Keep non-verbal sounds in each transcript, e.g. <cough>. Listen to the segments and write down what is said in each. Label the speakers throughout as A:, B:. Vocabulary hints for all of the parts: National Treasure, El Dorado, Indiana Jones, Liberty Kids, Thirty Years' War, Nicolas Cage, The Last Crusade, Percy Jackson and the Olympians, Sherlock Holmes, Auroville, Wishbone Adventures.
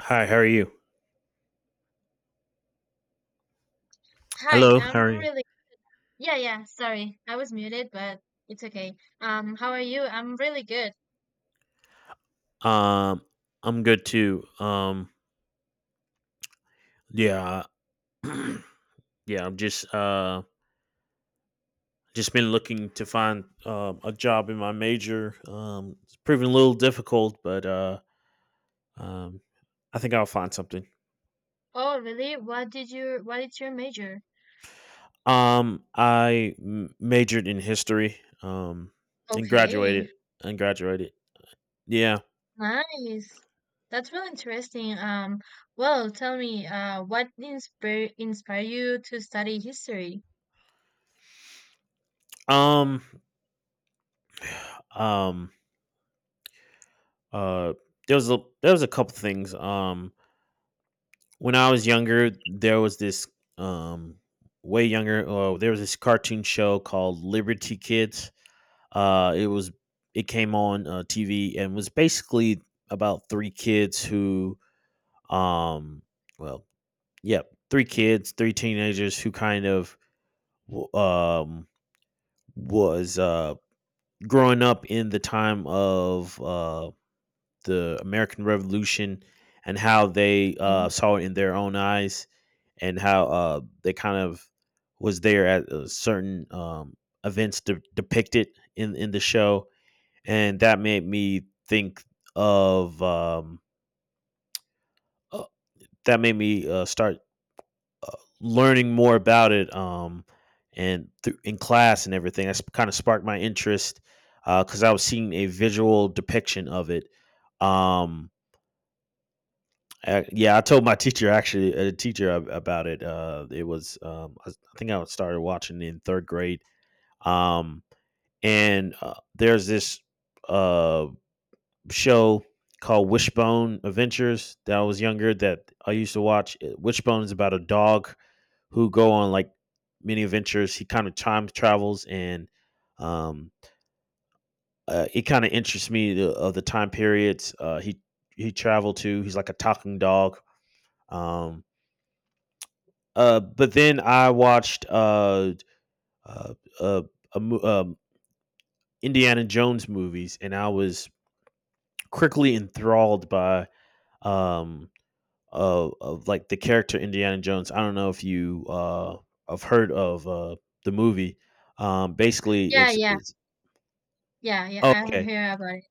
A: Hi, how are you?
B: Hi,
A: Hello, how
B: I'm
A: are you?
B: really yeah, sorry. I was muted, but it's okay. How are you? I'm really good.
A: Um, I'm good too. Yeah, <clears throat> yeah, I'm just been looking to find a job in my major. It's proving a little difficult, but um, I think I'll find something.
B: Oh, really? What is your major?
A: I majored in history. Um, and
B: Okay.
A: graduated. Yeah.
B: Nice. That's really interesting. Well, tell me, what inspire inspire you to study history?
A: Um, um, uh, there was a couple things. When I was younger, there was this um way younger. Oh, there was this cartoon show called Liberty Kids. Uh, it was it came on TV and was basically about three kids who um well yeah three teenagers who kind of um was growing up in the time of the American Revolution, and how they
B: Okay.
A: saw it in their own eyes, and how they kind of was there at certain events depicted in the show. And that made me think of uh, that made me start learning more about it, in class and everything. That's kind of sparked my interest because I was seeing a visual depiction of it. Um, yeah, I told my teacher, actually a teacher about it. It was I think I started watching in third grade. Um, and There's this uh show called Wishbone Adventures that I was younger that I used to watch. Wishbone is about a dog who go on like many adventures. He kind of time travels and um, it kind of interests me of the time periods he traveled to. He's like a talking dog. Um, but then I watched uh, uh, a mo- um, Indiana Jones movies, and I was quickly enthralled by um, of like the character Indiana Jones. I don't know if you have heard of the movie. Basically,
B: Yeah,
A: it's
B: yeah.
A: it's
B: Yeah, yeah,
A: oh,
B: I've
A: okay.
B: heard about it.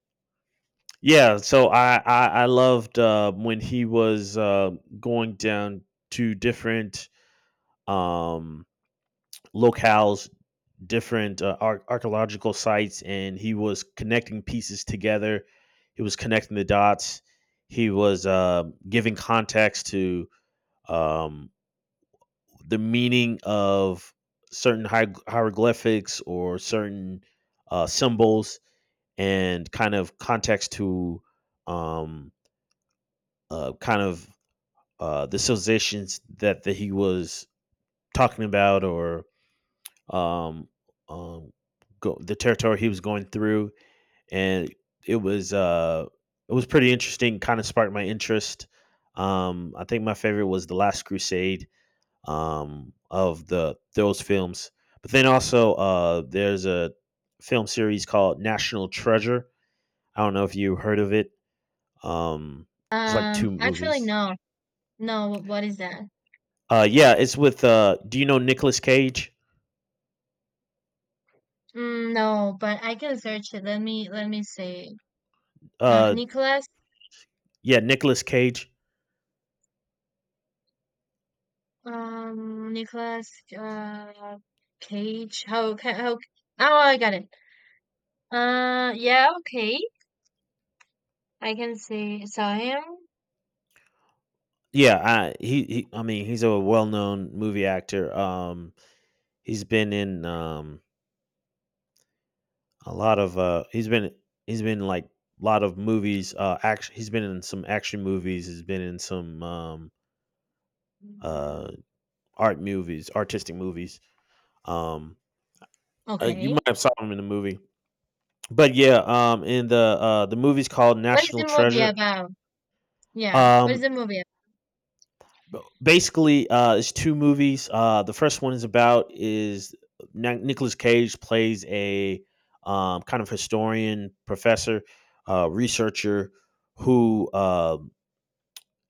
A: Yeah, so I loved when he was going down to different um, locales, different archaeological sites, and he was connecting pieces together. He was connecting the dots. He was giving context to um, the meaning of certain hieroglyphics or certain symbols, and kind of context to um, uh, kind of the civilizations that he was talking about, or um, um, the territory he was going through, and it was uh it was pretty interesting. Kind of sparked my interest. I think my favorite was The Last Crusade, of the those films. But then also there's a film series called National Treasure. I don't know if you heard of it. Um, it's like two
B: Actually
A: movies.
B: no. No, what is that?
A: Yeah, it's with. Do you know Nicolas Cage?
B: Mm, no, but I can search it. Let me say.
A: Uh,
B: Nicholas
A: yeah, Nicolas Cage.
B: Nicholas Cage. How oh, I got it. Yeah, okay. I can see saw him.
A: Yeah, I mean he's a well known movie actor. He's been in A lot of he's been like a lot of movies. Action. He's been in some action movies. He's been in some uh, art movies, artistic movies. Um, you
B: Okay.
A: might have saw him in the movie, but yeah, in the movie's called
B: What is
A: National
B: the movie
A: Treasure.
B: about? Yeah. What is
A: Um,
B: the movie about?
A: Basically, it's two movies. The first one is Nicholas Cage plays a kind of historian, professor, researcher who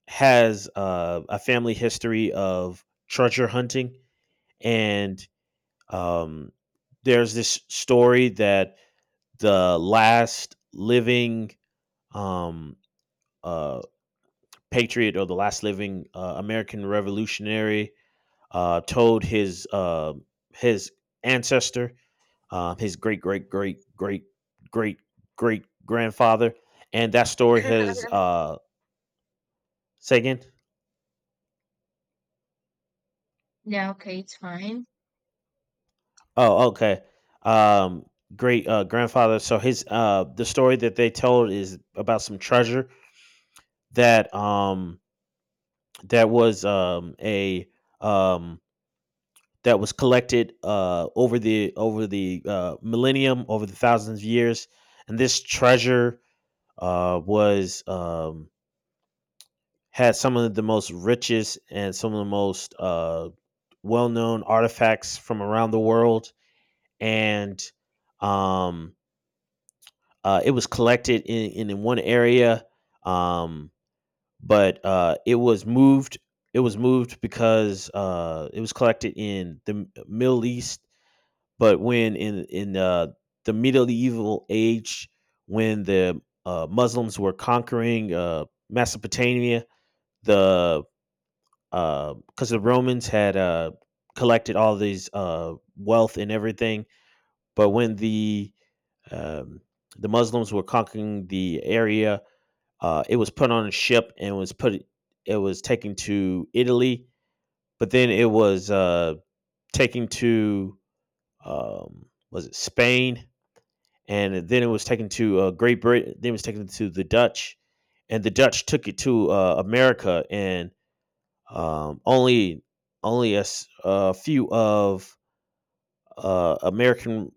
A: has a family history of treasure hunting, and um, there's this story that the last living um, uh, patriot, or the last living American revolutionary, told his his ancestor, his great great great great great great grandfather, and that story has say again.
B: Yeah, okay, it's fine.
A: Oh, okay. Um, great grandfather. So his the story that they told is about some treasure that that was a um that was collected over the millennium, over the thousands of years, and this treasure was had some of the most richest and some of the most well known artifacts from around the world, and um it was collected in one area, um, but it was moved. It was moved because it was collected in the Middle East. But when in the medieval age, when the Muslims were conquering Mesopotamia, the because the Romans had collected all these wealth and everything. But when um, the Muslims were conquering the area, it was put on a ship, and was put it was taken to Italy, but then it was taken to was it Spain, and then it was taken to Great Britain. Then it was taken to the Dutch, and the Dutch took it to America, and um, only only a few of American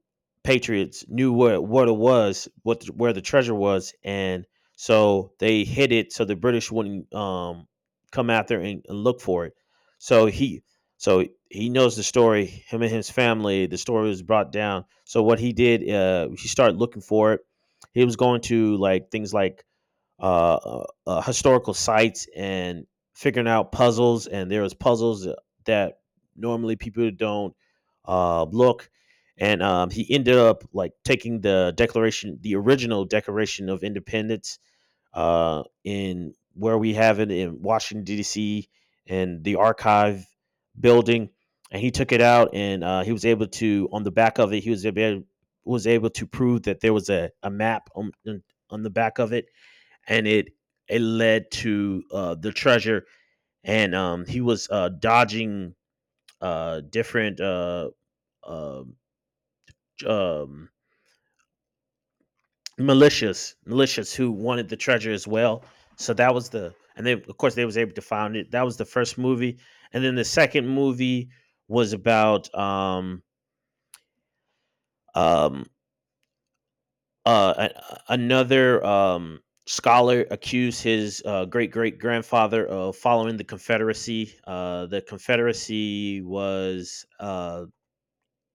A: patriots knew what it was, where the treasure was, and so they hid it so the British wouldn't come after and look for it. So he so he knows the story. Him and his family, the story was brought down. So what he did, he started looking for it. He was going to like things like historical sites and figuring out puzzles. And there was puzzles that normally people don't look. And he ended up like taking the Declaration, the original Declaration of Independence, in where we have it in Washington D.C. and the archive building, and he took it out, and he was able to on the back of it he was able to prove that there was a map on the back of it, and it led to the treasure, and he was dodging different uh, um, militias who wanted the treasure as well. So that was the, and then of course they was able to find it. That was the first movie, and then the second movie was about um, another scholar accused his great great grandfather of following the Confederacy. The Confederacy was,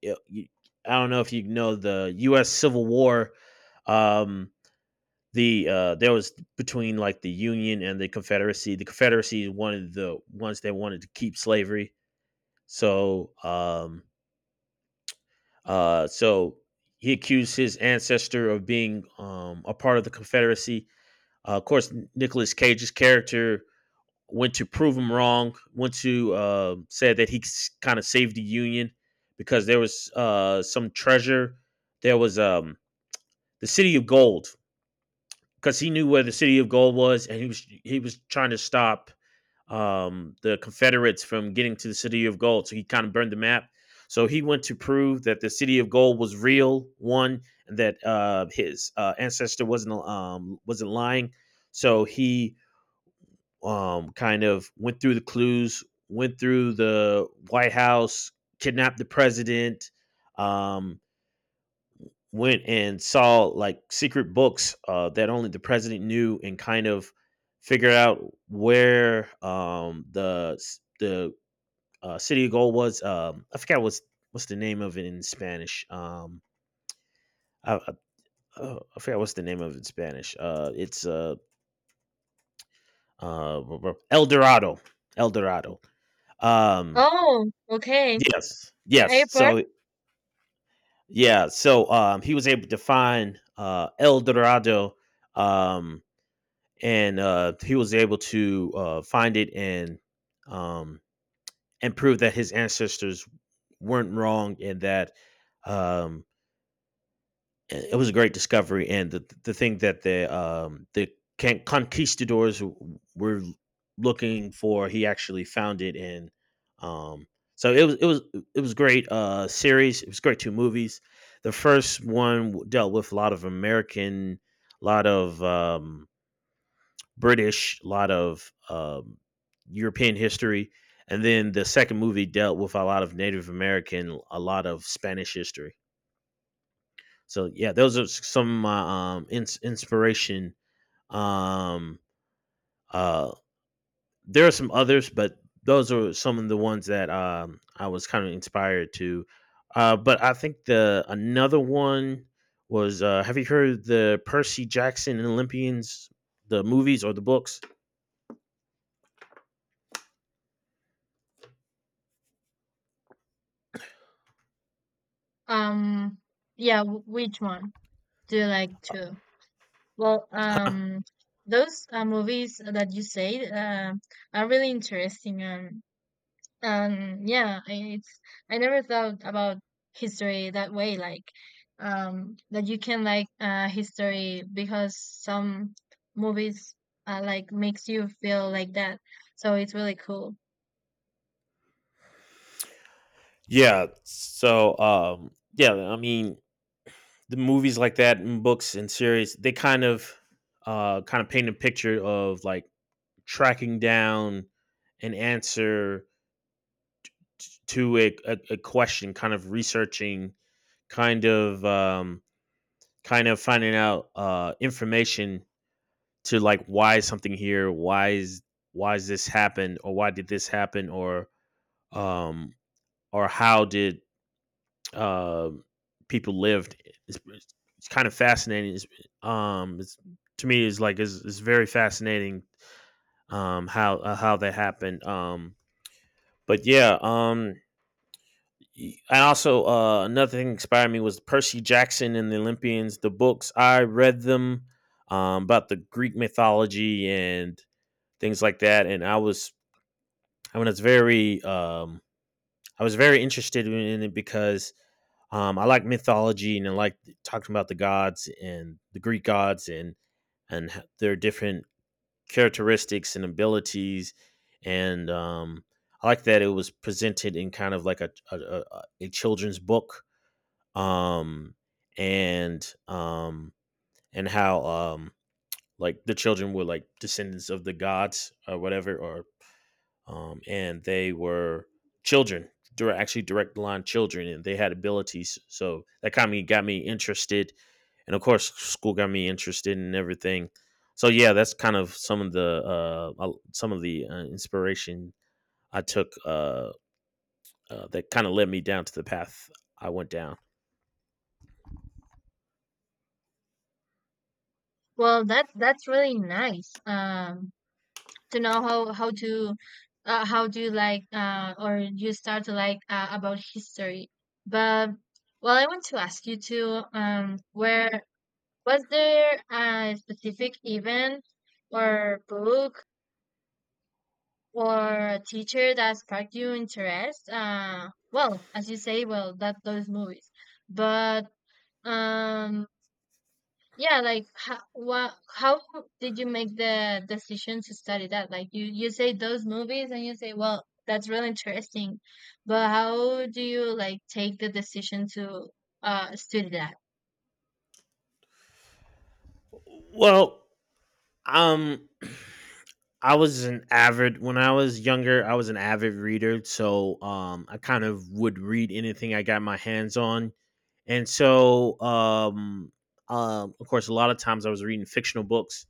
A: y- y- I don't know if you know, the U.S. Civil War. Um, there was between like the Union and the Confederacy. The Confederacy is one of the ones that wanted to keep slavery. So, uh, so he accused his ancestor of being a part of the Confederacy. Of course, Nicolas Cage's character went to prove him wrong. Went to said that he kind of saved the Union because there was some treasure. There was the City of Gold, because he knew where the City of Gold was, and he was trying to stop the Confederates from getting to the City of Gold. So he kind of burned the map. So he went to prove that the City of Gold was real, one, and that his ancestor wasn't lying. So he kind of went through the clues, went through the White House, kidnapped the president, um, went and saw like secret books that only the president knew, and kind of figured out where the city of gold was. I forgot what's the name of it in Spanish. I, I, I forgot what's the name of it in Spanish. It's uh, El Dorado. El Dorado. Um,
B: Oh, okay.
A: Yes,
B: The
A: yes.
B: airport?
A: So yeah, so he was able to find El Dorado, um, and he was able to find it, and um, prove that his ancestors weren't wrong, and that um, it was a great discovery, and the thing that the conquistadors were looking for, he actually found it, and um, so it was great series. It was great two movies. The first one dealt with a lot of American, a lot of British, a lot of European history, and then the second movie dealt with a lot of Native American, a lot of Spanish history. So yeah, those are some of my inspiration. Um, uh, there are some others, but those are some of the ones that I was kind of inspired to. But I think the another one was Have you heard the Percy Jackson and Olympians, the movies or the books?
B: Um yeah, w which one do you like to? Well, those movies that you said. Uh, are really interesting. Yeah, it's I never thought about history that way, like that you can like history because some movies like makes you feel like that. So it's really cool.
A: Yeah. So, yeah, I mean, the movies like that and books and series, they kind of paint a picture of like tracking down an answer to a question, kind of researching, kind of um, kind of finding out information to like why is something here, why is this happened, or why did this happen, or um, how did uh, people lived. It's, it's kind of fascinating. It's to me is like it's very fascinating how that happened. But yeah. And also, another thing that inspired me was Percy Jackson and the Olympians. The books I read them about the Greek mythology and things like that. And I was I mean, it's very I was very interested in it because I like mythology and I like talking about the gods and the Greek gods and their different characteristics and abilities. And I like that it was presented in kind of like a children's book um and um and how like the children were like descendants of the gods or whatever, or, and they were children. They are actually direct line children and they had abilities, so that kind of got me interested. And of course school got me interested in everything. So yeah, that's kind of some of the inspiration I took. That kind of led me down to the path I went down.
B: Well, that's really nice. To know how to how do you like or you start to like about history. But well, I want to ask you too, where was there a specific event or book or teacher that sparked your interest? Well, as you say, well, that those movies. But um, yeah, like how did you make the decision to study that? Like you say those movies and you say, well, that's really interesting. But how do you like take the decision to study that?
A: Well um I was an avid when I was younger, I was an avid reader, so I kind of would read anything I got my hands on. And so, of course a lot of times I was reading fictional books,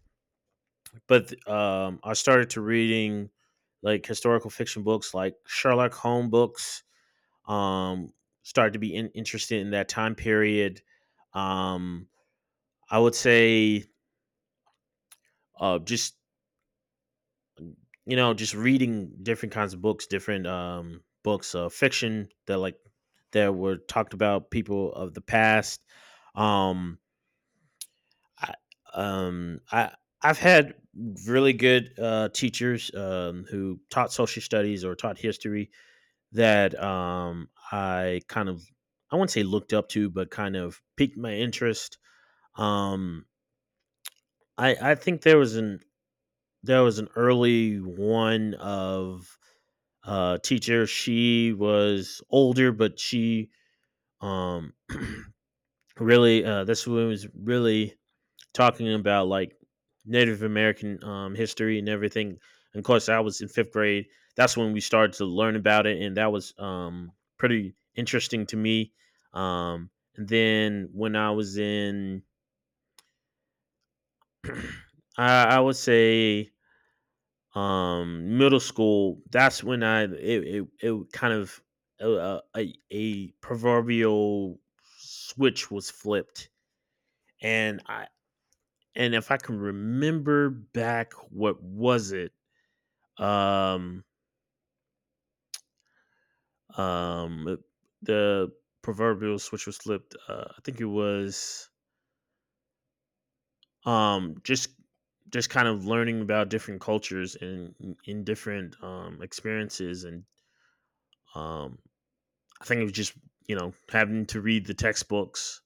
A: but I started to reading like historical fiction books like Sherlock Holmes books. Um Started to be interested in that time period. Um I would say just, just reading different kinds of books, different books of fiction that were talked about people of the past. Um, I, um, I I've had really good teachers who taught social studies or taught history that I kind of I wouldn't say looked up to, but kind of piqued my interest. Um, I think there was an early one of teacher. She was older, but she um, <clears throat> really, this was really talking about like Native American history and everything. And of course, I was in fifth grade. That's when we started to learn about it, and that was, pretty interesting to me. And then when I was <clears throat> I would say middle school. That's when it kind of, a proverbial switch was flipped. And I and if I can remember back, what was it? um um the proverbial switch was flipped. I think it was um just just kind of learning about different cultures and in different experiences. And um I think it was just, you know, having to read the textbooks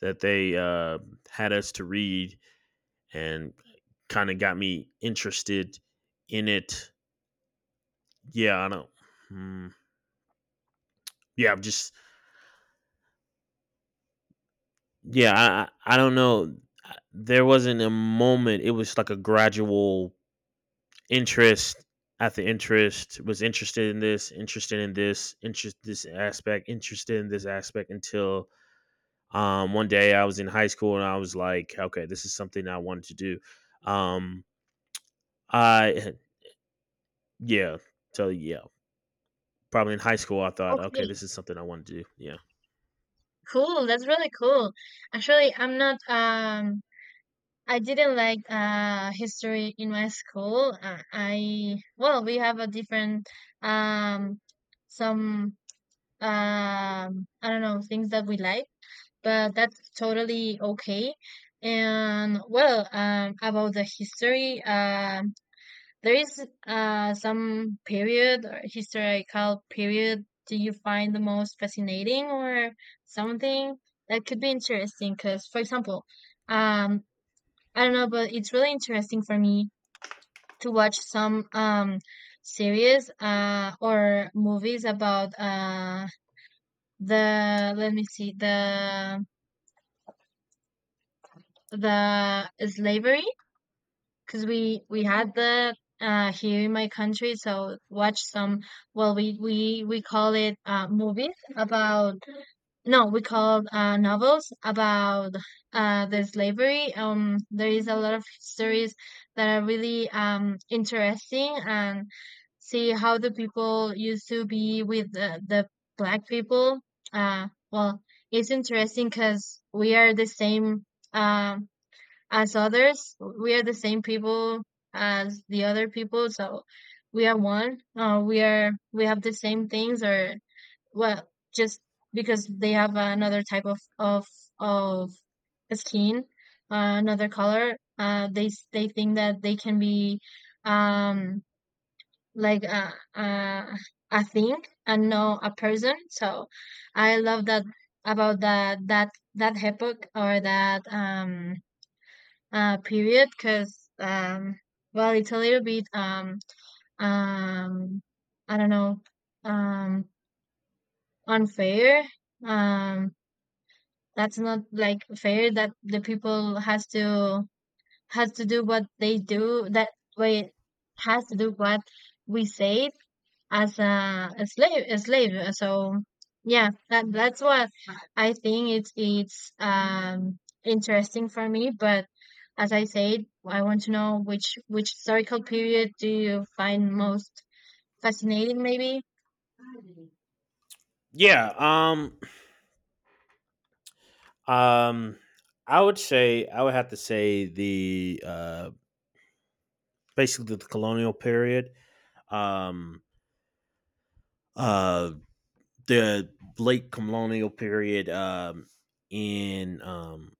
A: that they, had us to read, and kind of got me interested in it. Yeah, I don't. Mm, yeah, I'm just. Yeah, I don't know. There wasn't a moment. It was like a gradual interest. At the interest was interested in this, interested in this, interest this aspect, interested in this aspect, until one day I was in high school and I was like, okay, this is something I wanted to do. Um, I, <laughs> yeah, so yeah, probably in high school I thought, okay,
B: Okay,
A: this is something I want to do. Yeah.
B: cool. That's really cool. Actually, I didn't like history in my school. I, well, we have a different um some I don't know things that we like, but that's totally okay. And well, about the history, there is some period or historical period do you find the most fascinating or something that could be interesting because, for example, um I don't know, but it's really interesting for me to watch some series or movies about the, let me see, the slavery because we had the here in my country. So watch some, well, we call it, movies about, no, we call, novels about, the slavery. There is a lot of stories that are really, interesting, and see how the people used to be with the black people. Well, it's interesting because we are the same, um as others. We are the same people as the other people, so we are one. We are, we have the same things or, well, just because they have another type of skin, another color, they think that they can be um like a thing and not a person. So I love that about that that epoch or that period because well, it's a little bit um I don't know, um unfair. um that's not like fair that the people has to, do what they do that way, has to do what we say, as a slave a slave. So yeah, that that's what I think. It's interesting for me. But as I said, I want to know which historical period do you find most fascinating, maybe.
A: Yeah. Um. I would have to say the, basically the colonial period. Um. Uh. The late colonial period. In um.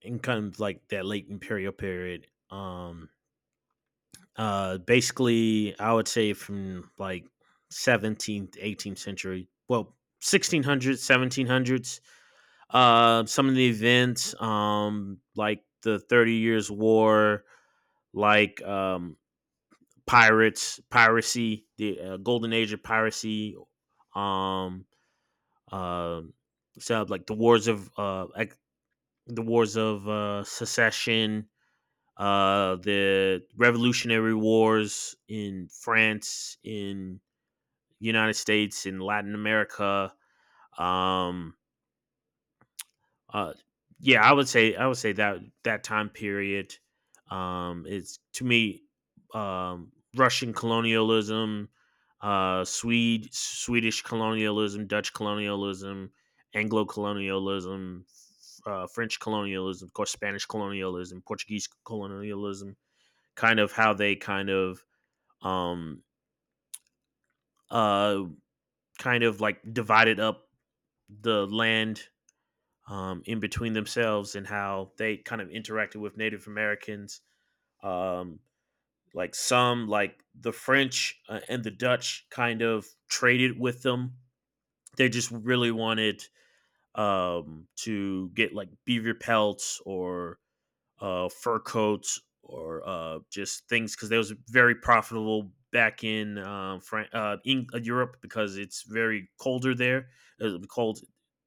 A: In kind of like that late imperial period. Basically, I would say from like 17th, 18th century, well, 1600s, 1700s. Some of the events, like the Thirty Years' War, like, pirates, piracy, the, golden age of piracy, um, uh, so like the wars of, secession, the Revolutionary Wars in France, in United States, in Latin America. Um, uh, yeah, I would say that that time period, is to me, Russian colonialism, Swede Swedish colonialism, Dutch colonialism, Anglo colonialism, French colonialism, of course, Spanish colonialism, Portuguese colonialism. Kind of how they um uh kind of like divided up the land in between themselves, and how they kind of interacted with Native Americans, um like some like the French, and the Dutch kind of traded with them. They just really wanted to get like beaver pelts or, fur coats or, just things because they was very profitable back in, Europe, because it's very colder there. It'll be cold,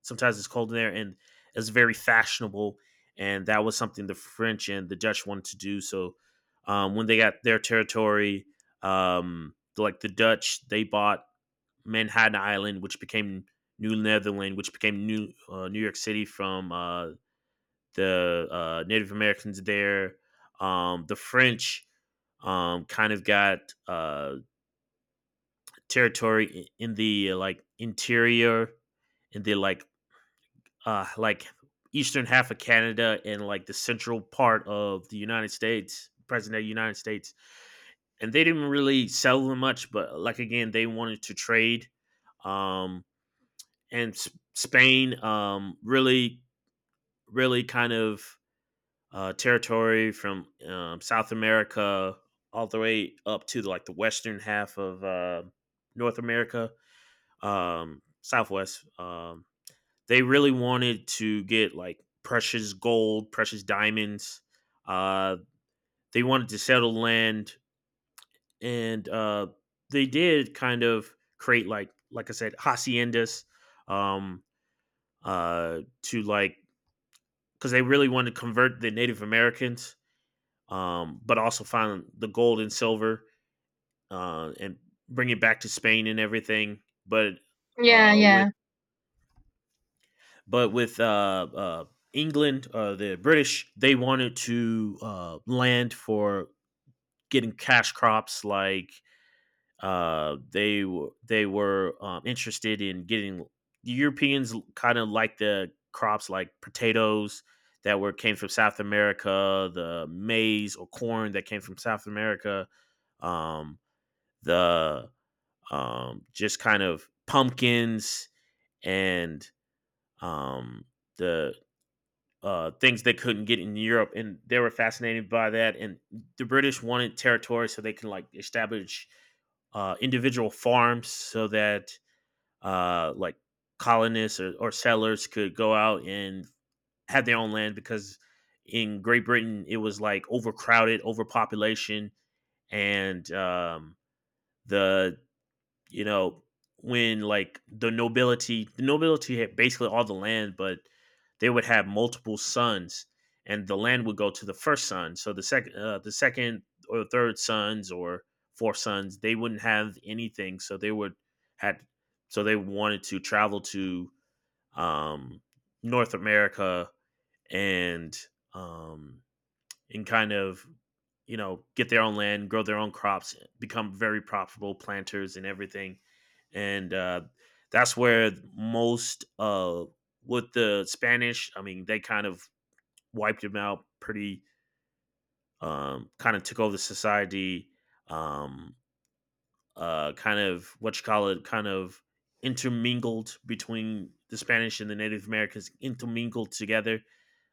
A: sometimes it's cold there, and it's very fashionable. And that was something the French and the Dutch wanted to do. So, when they got their territory, like the Dutch, they bought Manhattan Island, which became New Netherland, which became New York City from, the, Native Americans there. The French, kind of got, uh, territory in the, like interior, in the like, like eastern half of Canada and like the central part of the United States, present day United States. And they didn't really sell them much, but like again, they wanted to trade. Um, and Spain, really, really kind of, territory from, South America all the way up to like the western half of, North America, Southwest. They really wanted to get like precious gold, precious diamonds. Uh, they wanted to settle land, and, they did kind of create like I said haciendas, um, to like, because they really wanted to convert the Native Americans, but also find the gold and silver, and bring it back to Spain and everything. But,
B: Yeah,
A: with
B: yeah.
A: but with, England, the British, they wanted to, land for getting cash crops. Like, they were, interested in getting the Europeans kind of like the crops like potatoes that were came from South America, the maize or corn that came from South America. Um, the, just kind of pumpkins and, um, the, things they couldn't get in Europe, and they were fascinated by that. And the British wanted territory so they can like establish, individual farms so that, like colonists, or settlers could go out and have their own land, because in Great Britain it was like overcrowded, overpopulation, and, the, you know, when like the nobility, had basically all the land, but they would have multiple sons, and the land would go to the first son. So the second or third sons or fourth sons, they wouldn't have anything. So had, so they wanted to travel to, um, North America, and, um, kind of, you know, get their own land, grow their own crops, become very profitable planters and everything. And, that's where most, with the spanish, I mean, they kind of wiped them out pretty, kind of took over the society, um kind of what you call it, kind of intermingled between the spanish and the native americans, intermingled together,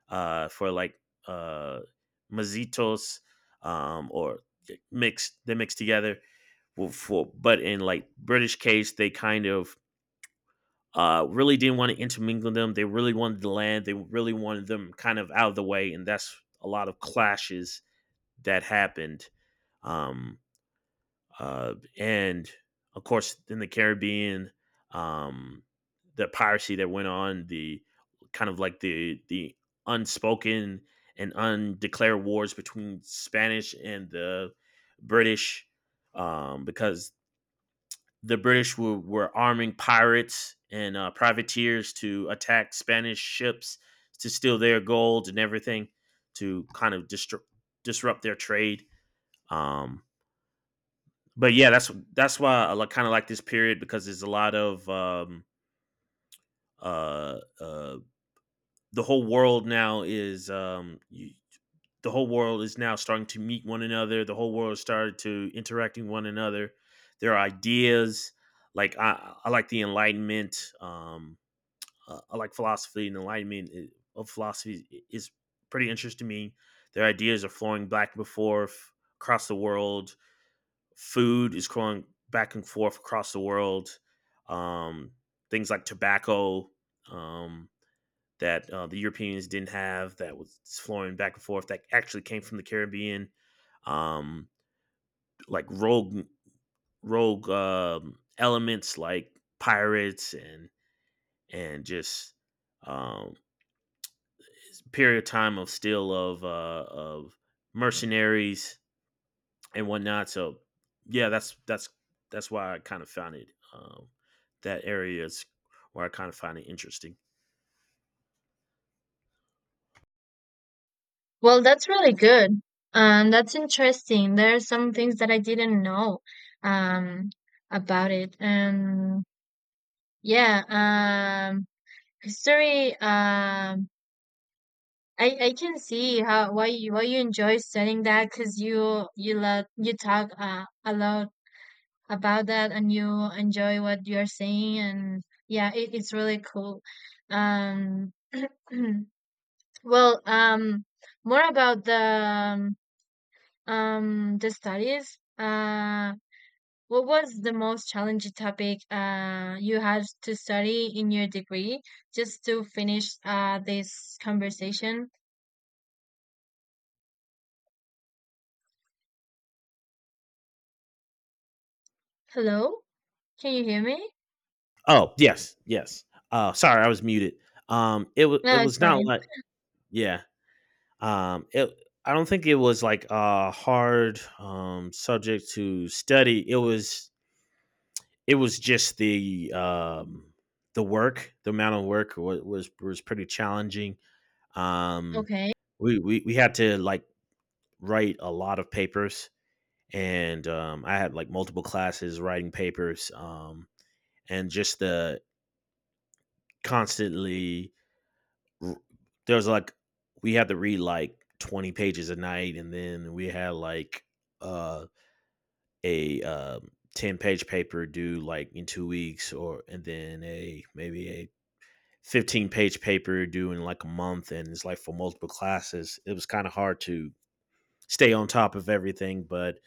A: for like, uh, mazitos, or mixed. They mixed together. Well, but in like British case, they kind of, really didn't want to intermingle them. They really wanted the land. They really wanted them kind of out of the way, and that's a lot of clashes that happened. Um, and of course in the Caribbean, um, the piracy that went on, the kind of like the unspoken and undeclared wars between Spanish and the British, because the British were arming pirates and, privateers to attack Spanish ships to steal their gold and everything, to kind of disrupt their trade. Um, but yeah, that's why I like, kind of like this period, because there's a lot of, uh, uh, the whole world now is, the whole world is now starting to meet one another. The whole world started to interacting one another. Their ideas, like, I like the Enlightenment. I like philosophy, and Enlightenment, of philosophy, is pretty interesting to me. Their ideas are flowing back and forth across the world. Food is going back and forth across the world. Um, things like tobacco, um, that, the Europeans didn't have, that was flowing back and forth, that actually came from the Caribbean. Um, like rogue, elements like pirates, and, just, um, period of time of still of, of mercenaries and whatnot. So yeah, that's why I kind of found it, that area is where I kind of find it interesting.
B: Well, that's really good. That's interesting. There are some things that I didn't know um, about it. Yeah, history. I can see how why you, why you enjoy studying that, because you love, you talk, a lot about that and you enjoy what you're saying. And yeah, it, it's really cool. Um, <clears throat> well, more about the studies. What was the most challenging topic you had to study in your degree? Just to finish this conversation. Hello, can you hear me?
A: Oh, yes, yes. Sorry, I was muted. It
B: No, it's
A: was not
B: fine.
A: like, yeah. It I don't think it was like a hard subject to study. It was just the work, the amount of work was pretty challenging. Um,
B: Okay.
A: we had to like write a lot of papers, and, I had like multiple classes writing papers, and just the constantly, there was like we had to read like 20 pages a night, and then we had like, uh, a, 10 page paper due like in 2 weeks, or and then a maybe a 15 page paper due in like a month, and it's like for multiple classes. It was kind of hard to stay on top of everything, but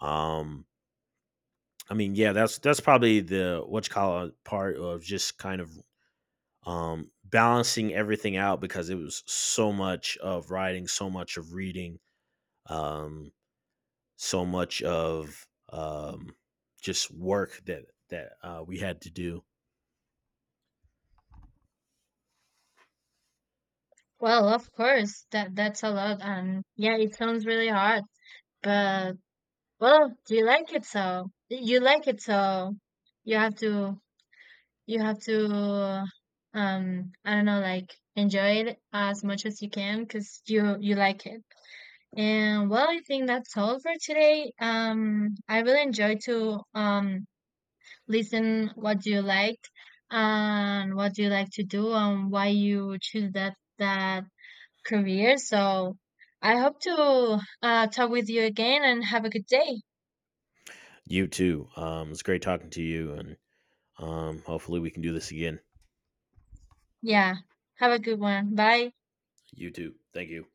A: um I mean, yeah, that's probably the what you call it part of just kind of, balancing everything out, because it was so much of writing, so much of reading, um, so much of, just work that, we had to do.
B: Well, of course, that, that's a lot, and yeah, it sounds really hard. But well, you like it, so you like it, so you have to, you have to I don't know, like, enjoy it as much as you can because you like it. And well, I think that's all for today. Um, I really enjoy to listen what you like and what you like to do and why you choose that, that career. So I hope to talk with you again and have a good day.
A: You too. It's great talking to you, and, hopefully we can do this again.
B: Yeah, have a good one. Bye.
A: You too. Thank you.